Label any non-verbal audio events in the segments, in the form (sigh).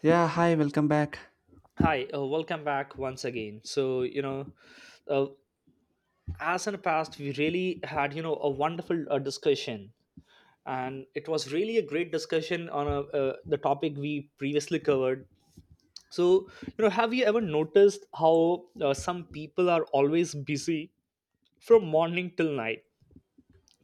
Yeah, hi, welcome back. Hi, welcome back once again. Uh, as in the past, we really had, you know, a wonderful discussion. And it was really a great discussion on the topic we previously covered. So, you know, have you ever noticed how some people are always busy from morning till night,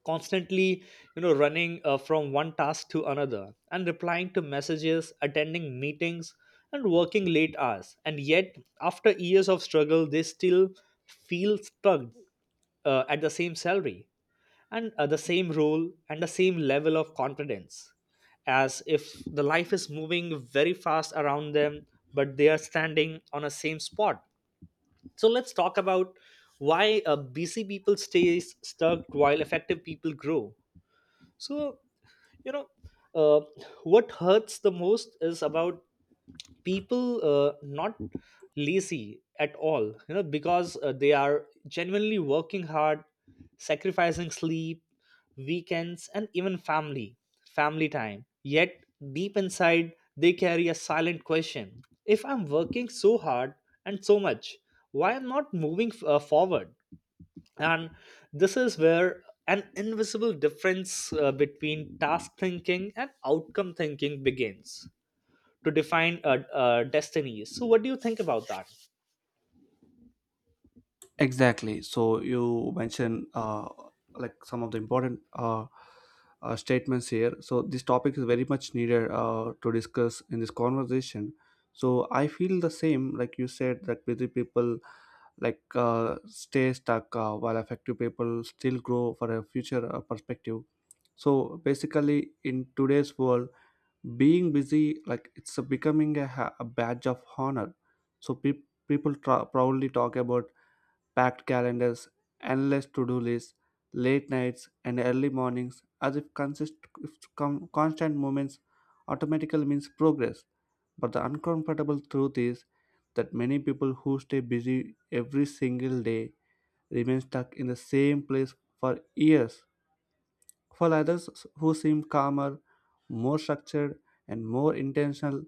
constantly, you know, running from one task to another, and replying to messages, attending meetings, and working late hours? And yet, after years of struggle, they still feel stuck at the same salary, and the same role, and the same level of confidence, as if the life is moving very fast around them, but they are standing on a same spot. So let's talk about why busy people stay stuck while effective people grow. so, you know, uh, what hurts the most is about people not lazy at all, you know, because they are genuinely working hard, sacrificing sleep, weekends, and even family time. Yet, deep inside, they carry a silent question. If I'm working so hard and so much, why I am not moving forward? And this is where an invisible difference between task thinking and outcome thinking begins to define destiny. So what do you think about that? Exactly. So you mentioned like some of the important statements here. So this topic is very much needed to discuss in this conversation. So I feel the same, like you said, that busy people stay stuck while effective people still grow for a future perspective. So basically, in today's world, being busy, like, it's a becoming a, a badge of honor. So pe people proudly talk about packed calendars, endless to-do lists, late nights and early mornings, as if consist if com- constant movements automatically means progress. But the uncomfortable truth is that many people who stay busy every single day remain stuck in the same place for years. For others who seem calmer, more structured and more intentional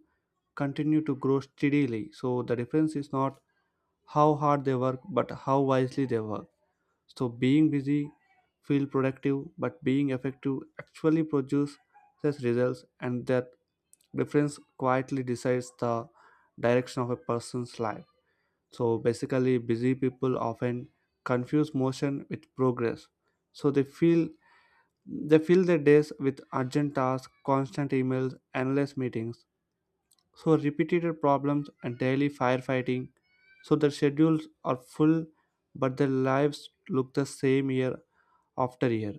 continue to grow steadily. So the difference is not how hard they work, but how wisely they work. So being busy feel productive, but being effective actually produces results, and that difference quietly decides the direction of a person's life. So basically, busy people often confuse motion with progress. So they fill their days with urgent tasks, constant emails, endless meetings, so repeated problems and daily firefighting. So their schedules are full but their lives look the same year after year.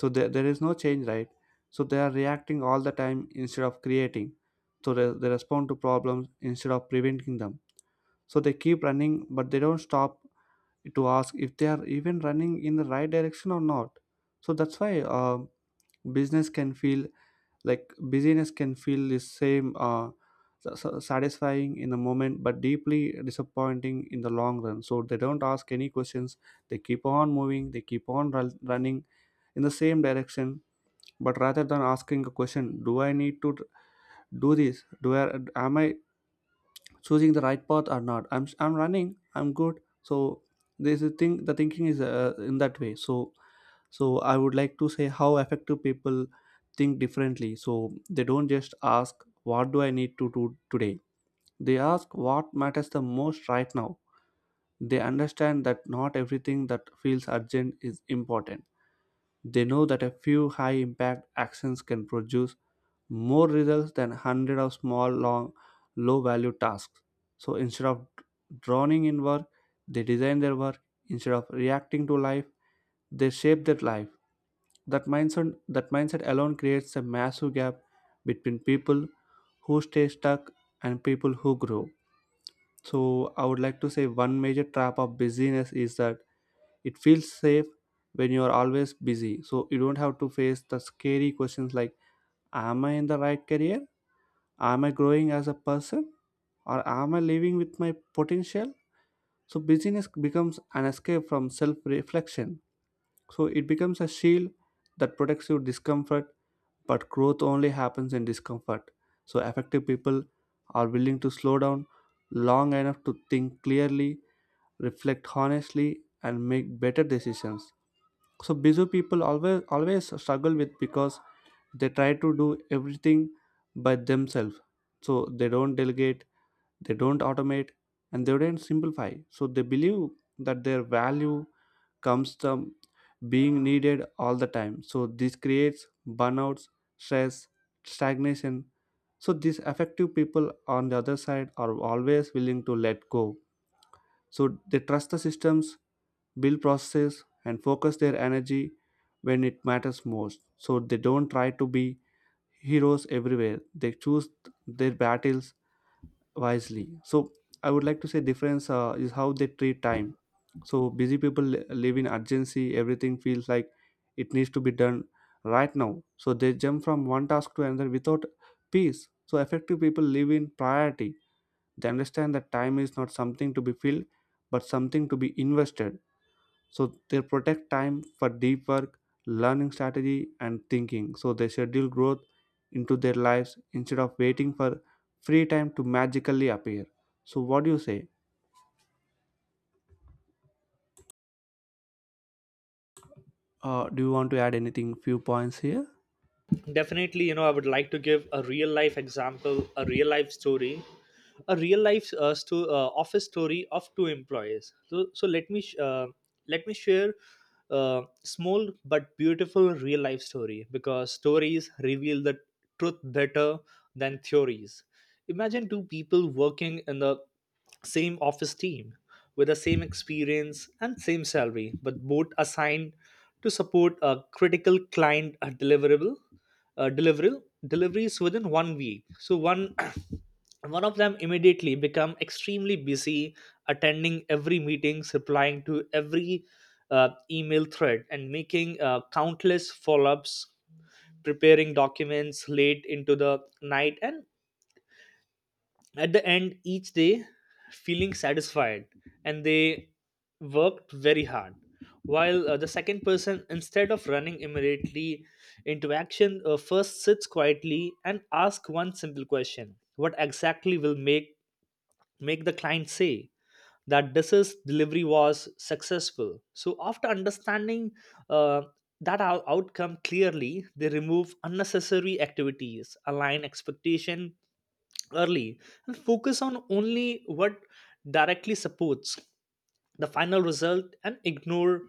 So there is no change, right? So they are reacting all the time instead of creating. So they respond to problems instead of preventing them. So they keep running but they don't stop to ask if they are even running in the right direction or not. So that's why business can feel like busyness can feel the same sa- sa- satisfying in the moment but deeply disappointing in the long run. So they don't ask any questions. They keep on moving, they keep on running in the same direction. But rather than asking a question, do I need to do this? Do i am i choosing the right path or not? I'm running, I'm good. So this is thing the thinking is in that way. So so I would like to say how effective people think differently. So they don't just ask, what do I need to do today? They ask, what matters the most right now? They understand that not everything that feels urgent is important. They know that a few high impact actions can produce more results than 100 of small long low value tasks. So instead of drowning in work, they design their work. Instead of reacting to life, they shape their life. That mindset alone creates a massive gap between people who stay stuck and people who grow. So I would like to say one major trap of busyness is that it feels safe. When you are always busy, so you don't have to face the scary questions, like, am I in the right career? Am I growing as a person? Or am I living with my potential? So busyness becomes an escape from self-reflection. So it becomes a shield that protects your discomfort, but growth only happens in discomfort. So effective people are willing to slow down long enough to think clearly, reflect honestly, and make better decisions. So busy people always struggle with, because they try to do everything by themselves. So they don't delegate, they don't automate, and they don't simplify. So they believe that their value comes from being needed all the time. So this creates burnouts, stress, stagnation. So these effective people on the other side are always willing to let go. So they trust the systems, build processes and focus their energy when it matters most. So they don't try to be heroes everywhere. They choose their battles wisely. So I would like to say difference is how they treat time. So busy people live in urgency. Everything feels like it needs to be done right now. So they jump from one task to another without peace. So effective people live in priority. They understand that time is not something to be filled but something to be invested. So they protect time for deep work, learning, strategy and thinking. So they schedule growth into their lives instead of waiting for free time to magically appear. So what do you say? Do you want to add anything, few points here? Definitely, you know, I would like to give a real life example, a real life story, a real life office story of two employees. So, let me share a small but beautiful real life story, because stories reveal the truth better than theories. Imagine two people working in the same office team, with the same experience and same salary, but both assigned to support a critical client deliverable, deliverable deliveries within 1 week. So one (coughs) (clears throat) one of them immediately become extremely busy, attending every meetings, replying to every email thread, and making countless follow-ups, preparing documents late into the night, and at the end each day feeling satisfied, and they worked very hard. While the second person, instead of running immediately into action, first sits quietly and asks one simple question: what exactly will make the client say that this is delivery was successful? So after understanding uh, that outcome clearly, they remove unnecessary activities, align expectation early, and focus on only what directly supports the final result, and ignore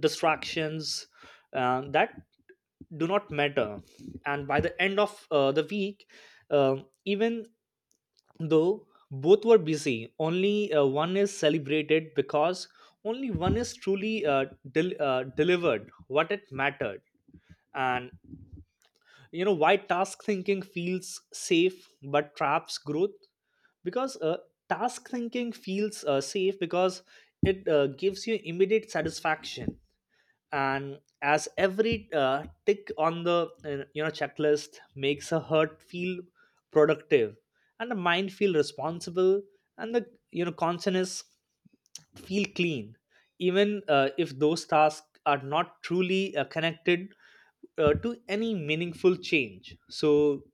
distractions that do not matter. And by the end of the week, even though both were busy, only one is celebrated, because only one is truly delivered what it mattered. And you know why task thinking feels safe but traps growth? Because task thinking feels safe because it gives you immediate satisfaction, and as every tick on the, you know, checklist makes a heart feel productive, and the mind feel responsible, and the, you know, consciousness feel clean, even if those tasks are not truly connected to any meaningful change. So,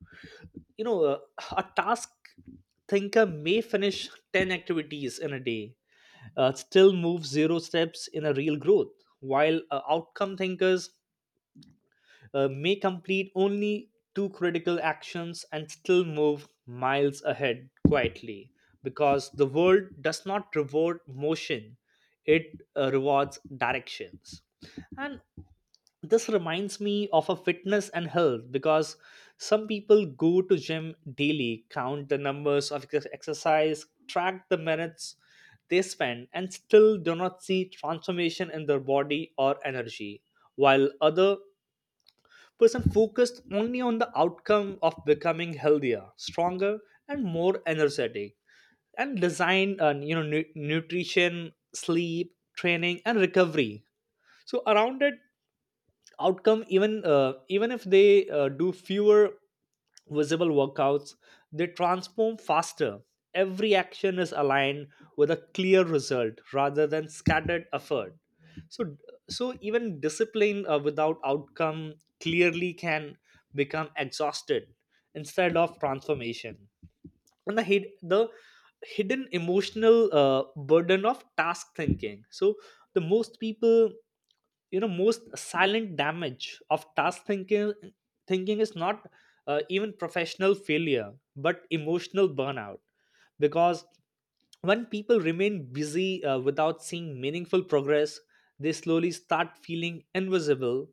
you know, uh, a task thinker may finish 10 activities in a day, still move zero steps in a real growth, while outcome thinkers may complete only two critical actions and still move miles ahead quietly, because the world does not reward motion, it rewards directions. And this reminds me of a fitness and health, because some people go to gym daily, count the numbers of exercise, track the minutes they spend, and still do not see transformation in their body or energy, while other person focused only on the outcome of becoming healthier, stronger, and more energetic, and design, and you know, nutrition, sleep, training, and recovery so around it, outcome. Even even if they do fewer visible workouts, they transform faster. Every action is aligned with a clear result rather than scattered effort. So, so even discipline without outcome clearly can become exhausted instead of transformation. And the hidden emotional burden of task thinking. So the most people, you know, most silent damage of task thinking thinking is not even professional failure, but emotional burnout. Because when people remain busy without seeing meaningful progress, they slowly start feeling invisible,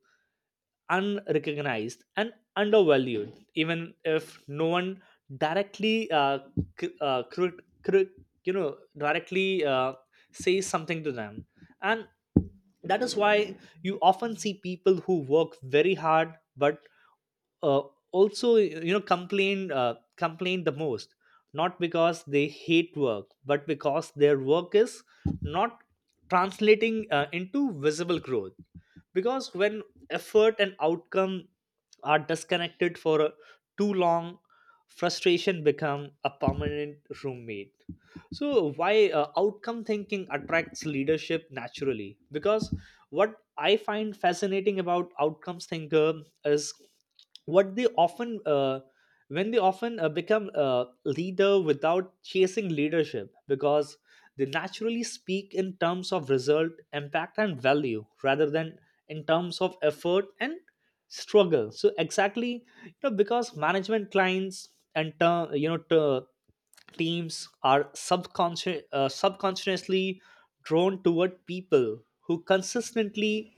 unrecognized, and undervalued, even if no one directly, cr- uh, cr- cr- directly says something to them. And that is why you often see people who work very hard but uh, also, you know, complain the most, not because they hate work, but because their work is not translating into visible growth. Because when effort and outcome are disconnected for too long, frustration become a permanent roommate. So why outcome thinking attracts leadership naturally? Because what I find fascinating about outcomes thinker is what they often when they often become a leader without chasing leadership, because they naturally speak in terms of result, impact, and value, rather than in terms of effort and struggle. So exactly, you know, because management, clients, and teams are subconsciously drawn toward people who consistently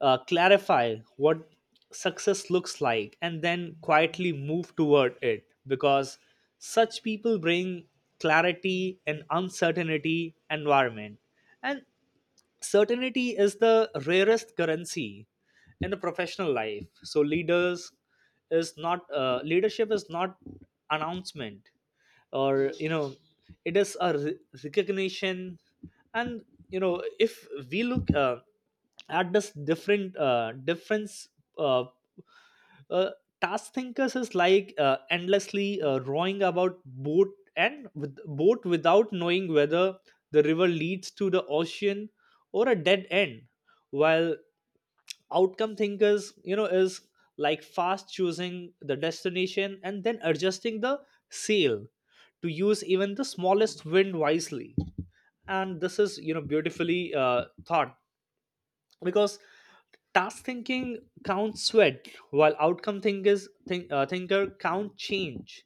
clarify what success looks like and then quietly move toward it, because such people bring clarity and uncertainty environment. And certainty is the rarest currency in the professional life. So leadership is not announcement, or you know, it is a recognition. And, you know, if we look at this different difference, uh, uh, task thinkers is like endlessly rowing about boat without knowing whether the river leads to the ocean or a dead end, while outcome thinkers, you know, is like fast choosing the destination and then adjusting the sail to use even the smallest wind wisely. And this is, you know, beautifully thought, because task thinking counts sweat, while outcome thinker count change.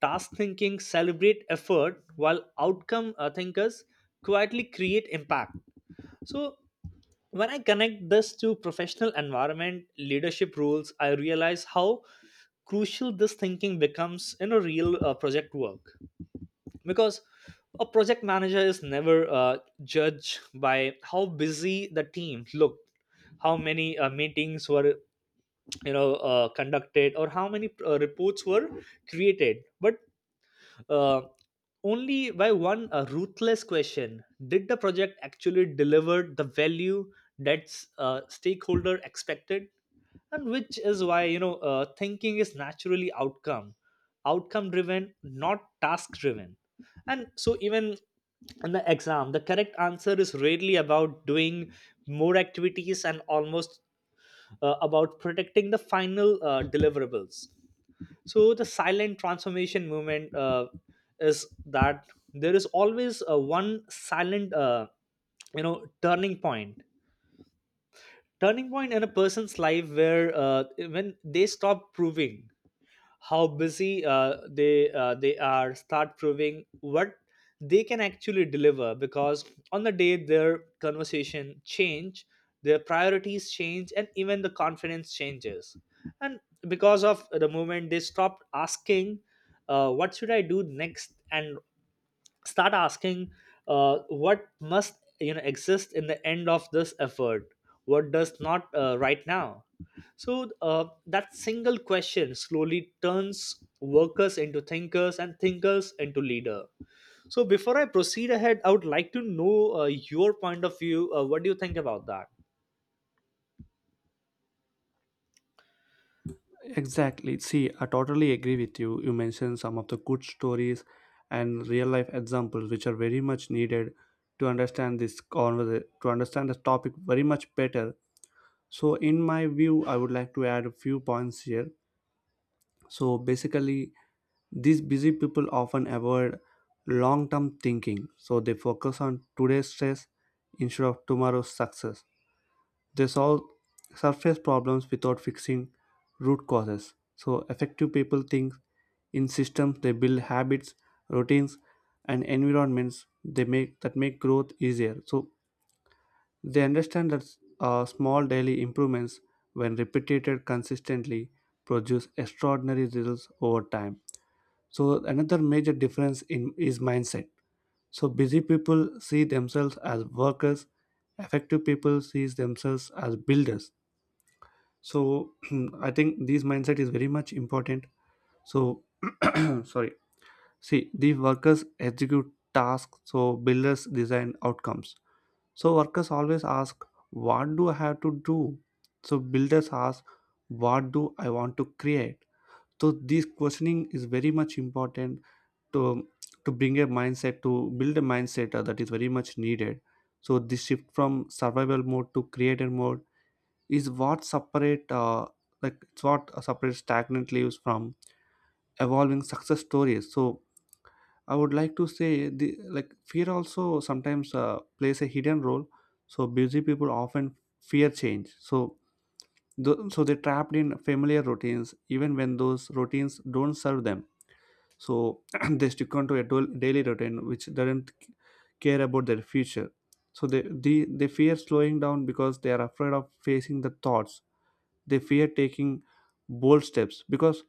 Task thinking celebrate effort, while outcome thinkers quietly create impact. So when I connect this to professional environment leadership rules, I realize how crucial this thinking becomes in a real project work. Because a project manager is never judged by how busy the team looked, how many meetings were, you know, conducted, or how many reports were created, but uh, only by one ruthless question: did the project actually deliver the value that stakeholder expected? And which is why, you know, thinking is naturally outcome driven, not task driven. And so even in the exam, the correct answer is rarely about doing more activities, and almost about protecting the final deliverables. So the silent transformation movement, is that there is always a one silent, you know, turning point in a person's life where, when they stop proving how busy, they are, start proving what they can actually deliver. Because on the day their conversation change, their priorities change, and even the confidence changes. And because of the moment they stopped asking, what should I do next, and start asking, what must, you know, exist in the end of this effort, what does not right now. So that single question slowly turns workers into thinkers, and thinkers into leader. So before I proceed ahead, I would like to know your point of view. What do you think about that? Exactly. See, I totally agree with you. You mentioned some of the good stories and real life examples which are very much needed to understand to understand this topic very much better. So in my view, I would like to add a few points here. So basically, these busy people often avoid long term thinking, so they focus on today's stress instead of tomorrow's success. They solve surface problems without fixing root causes. So, effective people think in systems. They build habits, routines, and environments they make that make growth easier. So, they understand that small daily improvements, when repeated consistently, produce extraordinary results over time. So another major difference in is mindset. So busy people see themselves as workers, effective people sees themselves as builders. So (clears throat) I think this mindset is very much important. So (clears throat) sorry. See, the workers execute tasks, so builders design outcomes. So workers always ask, what do I have to do? So builders ask, what do I want to create? So this questioning is very much important to to bring a mindset to build a mindset that is very much needed. So this shift from survival mode to creator mode is what separate like it's what separates stagnant leaves from evolving success stories. So I would like to say the, like, fear also sometimes plays a hidden role. So busy people often fear change. So so they're trapped in familiar routines even when those routines don't serve them. So (clears throat) they stick on to a daily routine which doesn't care about their future. So they fear slowing down because they are afraid of facing the thoughts. They fear taking bold steps because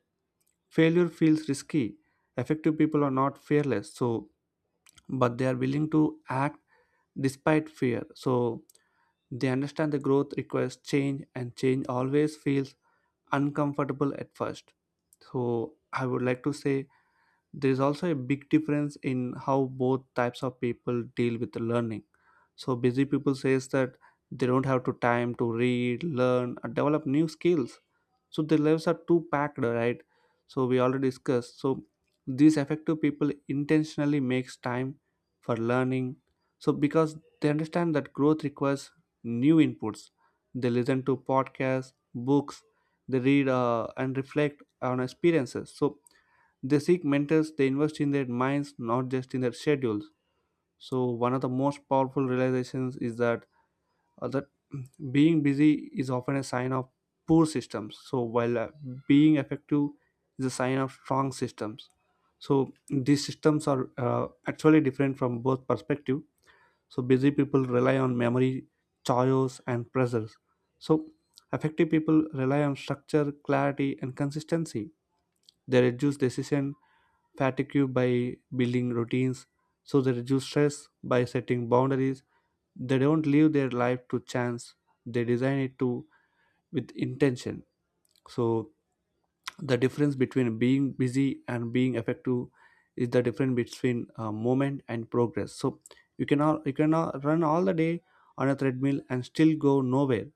failure feels risky. Effective people are not fearless, so but they are willing to act despite fear. So they understand the growth requires change, and change always feels uncomfortable at first. So I would like to say there is also a big difference in how both types of people deal with learning. So busy people says that they don't have to time to read, learn or develop new skills. So their lives are too packed, right? So we already discussed. So these effective people intentionally makes time for learning. So because they understand that growth requires new inputs, they listen to podcasts, books. They read and reflect on experiences. So they seek mentors, they invest in their minds, not just in their schedules. So, one of the most powerful realizations is that (clears throat) being busy is often a sign of poor systems. So, while being effective is a sign of strong systems. So, these systems are actually different from both perspective. So, busy people rely on memory, choice, and pressures. So, effective people rely on structure, clarity, and consistency. They reduce decision fatigue by building routines, so they reduce stress by setting boundaries. They don't leave their life to chance, they design it to with intention. So the difference between being busy and being effective is the difference between movement and progress. So you can all run all the day on a treadmill and still go nowhere.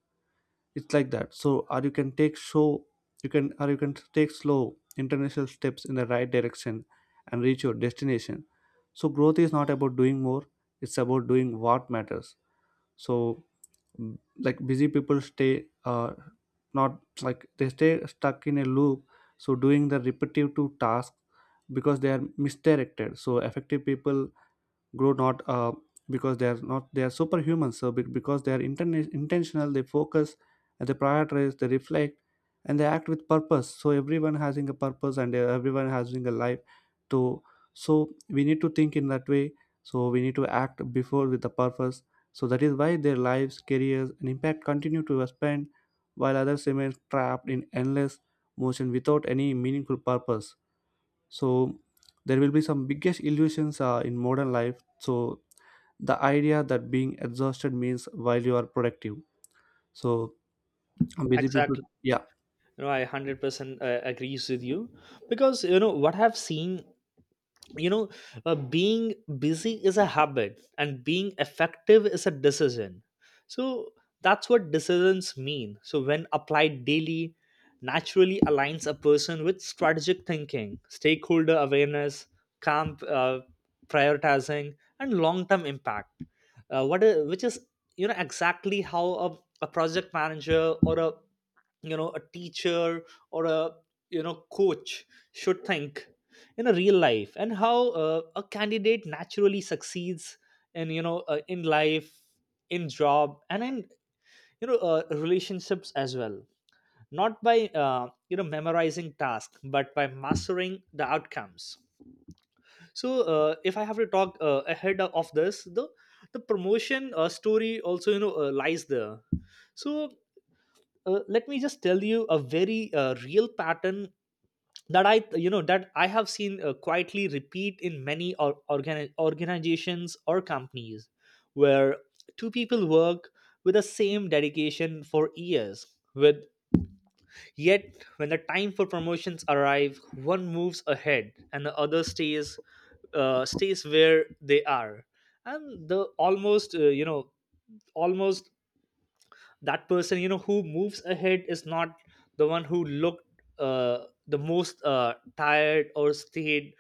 It's like that. So or you can take show, you can, or you can take slow international steps in the right direction and reach your destination. So growth is not about doing more, it's about doing what matters. So like busy people stay not like they stay stuck in a loop, so doing the repetitive tasks because they are misdirected. So effective people grow not because they are not they are superhuman. So because they are intentional, they focus and they prioritize, they reflect and they act with purpose. So everyone having a purpose, and everyone having a life to. So we need to think in that way. So we need to act before with the purpose. So that is why their lives, careers and impact continue to spend while others remain trapped in endless motion without any meaningful purpose. So there will be some biggest illusions in modern life. So the idea that being exhausted means while you are productive. So busy people. Exactly. Yeah, I 100% agrees with you, because you know what I've seen. you know Being busy is a habit, and being effective is a decision. So that's what decisions mean. So when applied daily, naturally aligns a person with strategic thinking, stakeholder awareness, camp prioritizing, and long-term impact. Which is, exactly how a project manager, or a a teacher, or a coach should think in a real life. And how a candidate naturally succeeds in you know in life, in job, and in you know relationships as well, not by memorizing tasks, but by mastering the outcomes. So if I have to talk ahead of this, the promotion story also, lies there. So let me just tell you a very real pattern that I you know that I have seen quietly repeat in many organizations or companies, where two people work with the same dedication for years, with yet when the time for promotions arrive, one moves ahead and the other stays, stays where they are. And the almost you know almost that person, who moves ahead is not the one who looked uh, the most tired, or stayed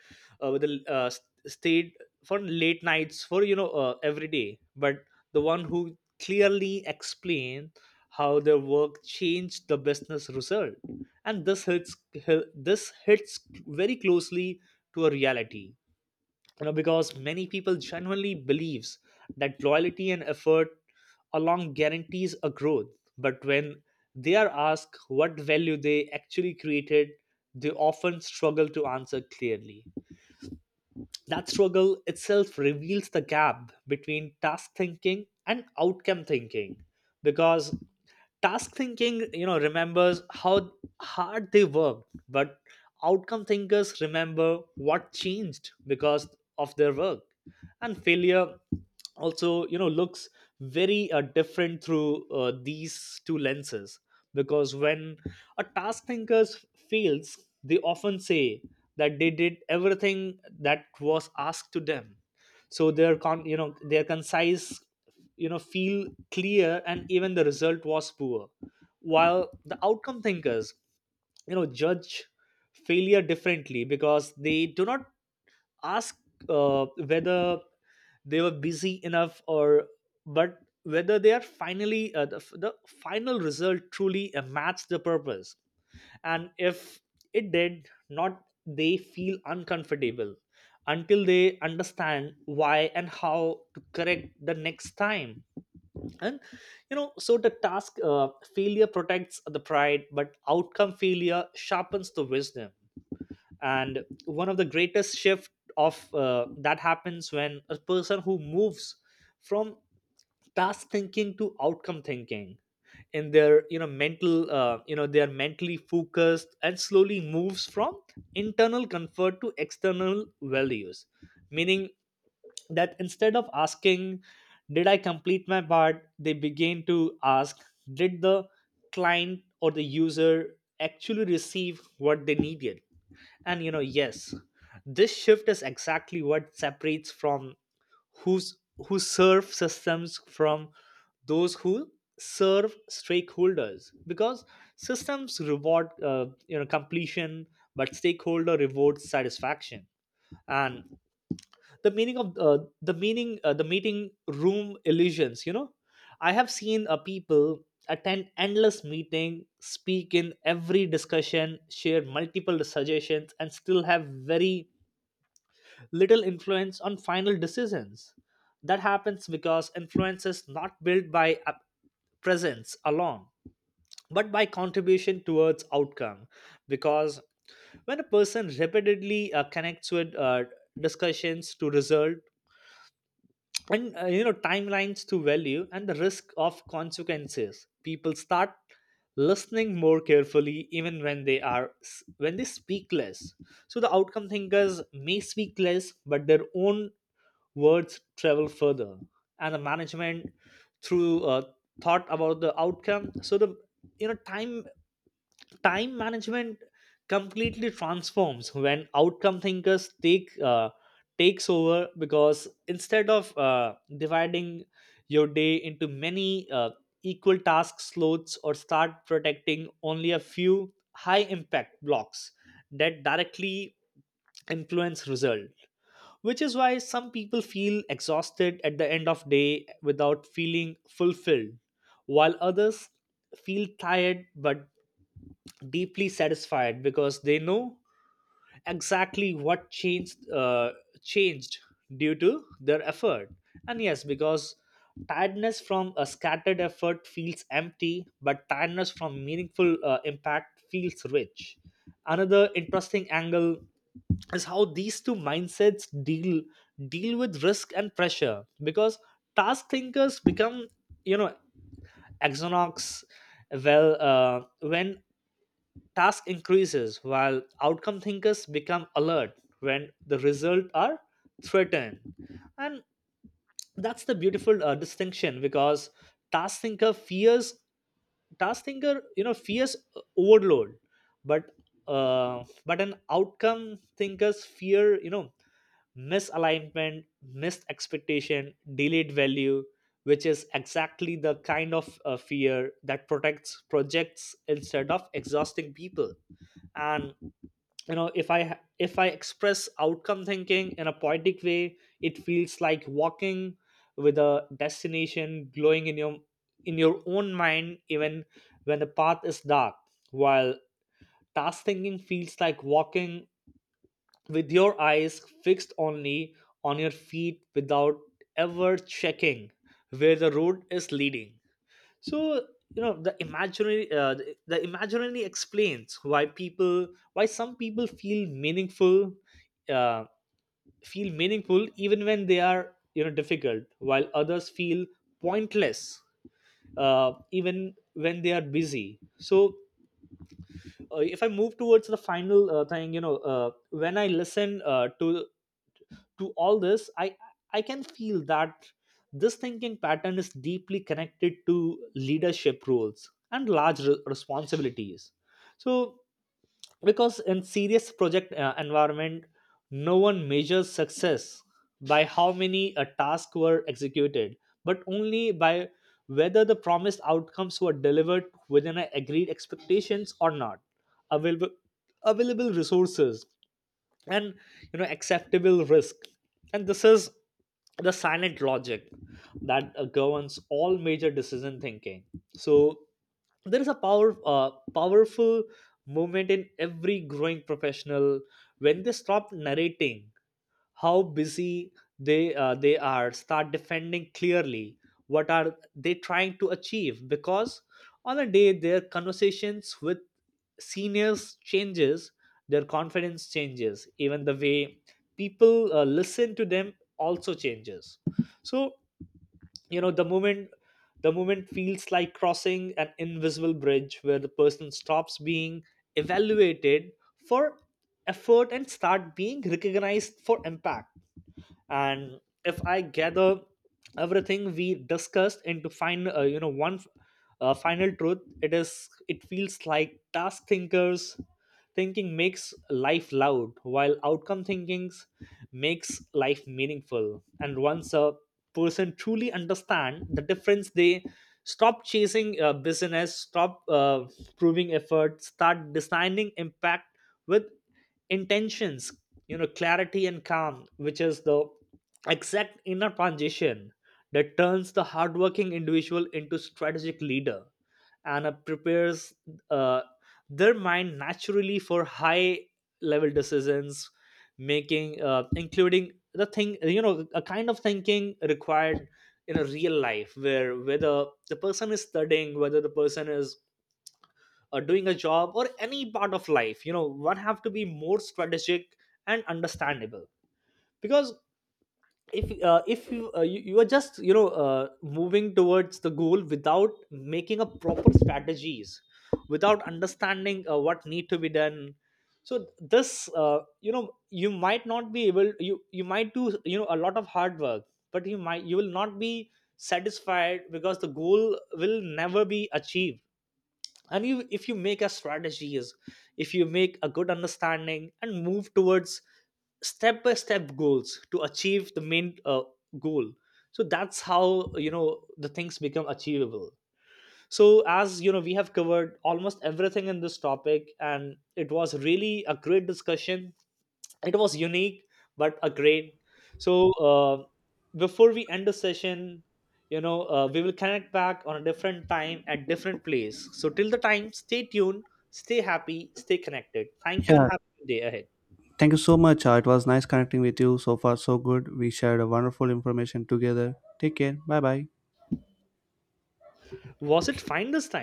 uh, with the uh, s- stayed for late nights, for you know every day, but the one who clearly explained how their work changed the business result. And this hits very closely to a reality, because many people genuinely believes that loyalty and effort along guarantees a growth. But when they are asked what value they actually created, they often struggle to answer clearly. That struggle itself reveals the gap between task thinking and outcome thinking, because task thinking, remembers how hard they worked, but outcome thinkers remember what changed because of their work. And failure also, looks very different through these two lenses, because when a task thinker fails, they often say that they did everything that was asked to them. So their concise, feel clear, and even the result was poor. While the outcome thinkers, judge failure differently, because they do not ask whether they were busy enough, or but whether they are finally, the final result truly matched the purpose. And if it did not, they feel uncomfortable until they understand why and how to correct the next time. And so the task failure protects the pride, but outcome failure sharpens the wisdom. And one of the greatest shift of that happens when a person who moves from task thinking to outcome thinking, in their, mental, they are mentally focused, and slowly moves from internal comfort to external values, meaning that instead of asking, did I complete my part, they begin to ask, did the client or the user actually receive what they needed. And yes, this shift is exactly what separates, from who's who serve systems, from those who serve stakeholders, because systems reward completion, but stakeholder rewards satisfaction. And the meaning of the meaning the meeting room illusions, I have seen people attend endless meeting, speak in every discussion, share multiple suggestions, and still have very little influence on final decisions. That happens because influence is not built by presence alone, but by contribution towards outcome. Because when a person repeatedly connects with, discussions to result, and timelines to value, and the risk of consequences, people start listening more carefully, even when they speak less. So the outcome thinkers may speak less, but their own words travel further. And the management, through thought about the outcome. So the, you know time time management completely transforms when outcome thinkers takes over, because instead of dividing your day into many equal task slots, or start protecting only a few high impact blocks that directly influence result, which is why some people feel exhausted at the end of day without feeling fulfilled, while others feel tired but deeply satisfied, because they know exactly what changed changed due to their effort. And yes, because tiredness from a scattered effort feels empty, but tiredness from meaningful impact feels rich. Another interesting angle is how these two mindsets deal with risk and pressure, because task thinkers become, you know exonox, well, when task increases, while outcome thinkers become alert when the results are threatened. And that's the beautiful distinction, because task thinker fears task thinker, fears overload, but but an outcome thinkers fear, misalignment, missed expectation, delayed value, which is exactly the kind of fear that protects projects instead of exhausting people. And you know if i ha- if I express outcome thinking in a poetic way, it feels like walking with a destination glowing in your own mind, even when the path is dark. While task thinking feels like walking with your eyes fixed only on your feet, without ever checking where the road is leading. So the imaginary, the imaginary explains why some people feel meaningful, uh, even when they are, difficult, while others feel pointless, even when they are busy. So if I move towards the final thing, when I listen to all this, I can feel that this thinking pattern is deeply connected to leadership roles and large responsibilities. So because in serious project environment, no one measures success by how many tasks were executed, but only by whether the promised outcomes were delivered within a agreed expectations, or not, available available resources, and acceptable risk. And this is the silent logic that governs all major decision thinking. So there is a powerful movement in every growing professional, when they stop narrating how busy they are, start defending clearly what are they trying to achieve, because on a day their conversations with seniors changes, their confidence changes, even the way people listen to them also changes. So you know the moment the moment feels like crossing an invisible bridge, where the person stops being evaluated for effort and start being recognized for impact. And if I gather everything we discussed into fine you know one final truth, it is, it feels like task thinkers thinking makes life loud, while outcome thinking makes life meaningful. And once a person truly understand the difference, they stop chasing business, stop proving effort, start designing impact with intentions, clarity and calm, which is the exact inner transition that turns the hardworking individual into strategic leader, and prepares uh, their mind naturally for high level decisions making, including the thing, a kind of thinking required in a real life, where, whether the person is studying, whether the person is doing a job, or any part of life, one have to be more strategic and understandable. Because if you are just, moving towards the goal without making a proper strategies, without understanding what need to be done. So this, you might not be able, you might do, a lot of hard work, but you will not be satisfied, because the goal will never be achieved. And you if you make a strategies, if you make a good understanding, and move towards step by step goals to achieve the main goal. So that's how, the things become achievable. So as you know, we have covered almost everything in this topic, and it was really a great discussion. It was unique but a great. So before we end the session, we will connect back on a different time at different place. So till the time, stay tuned, stay happy, stay connected. Thank you, and yeah, have a good day ahead. thank you so much. It was nice connecting with you. So far so good, we shared a wonderful information together. Take care. Bye bye. Was it fine this time?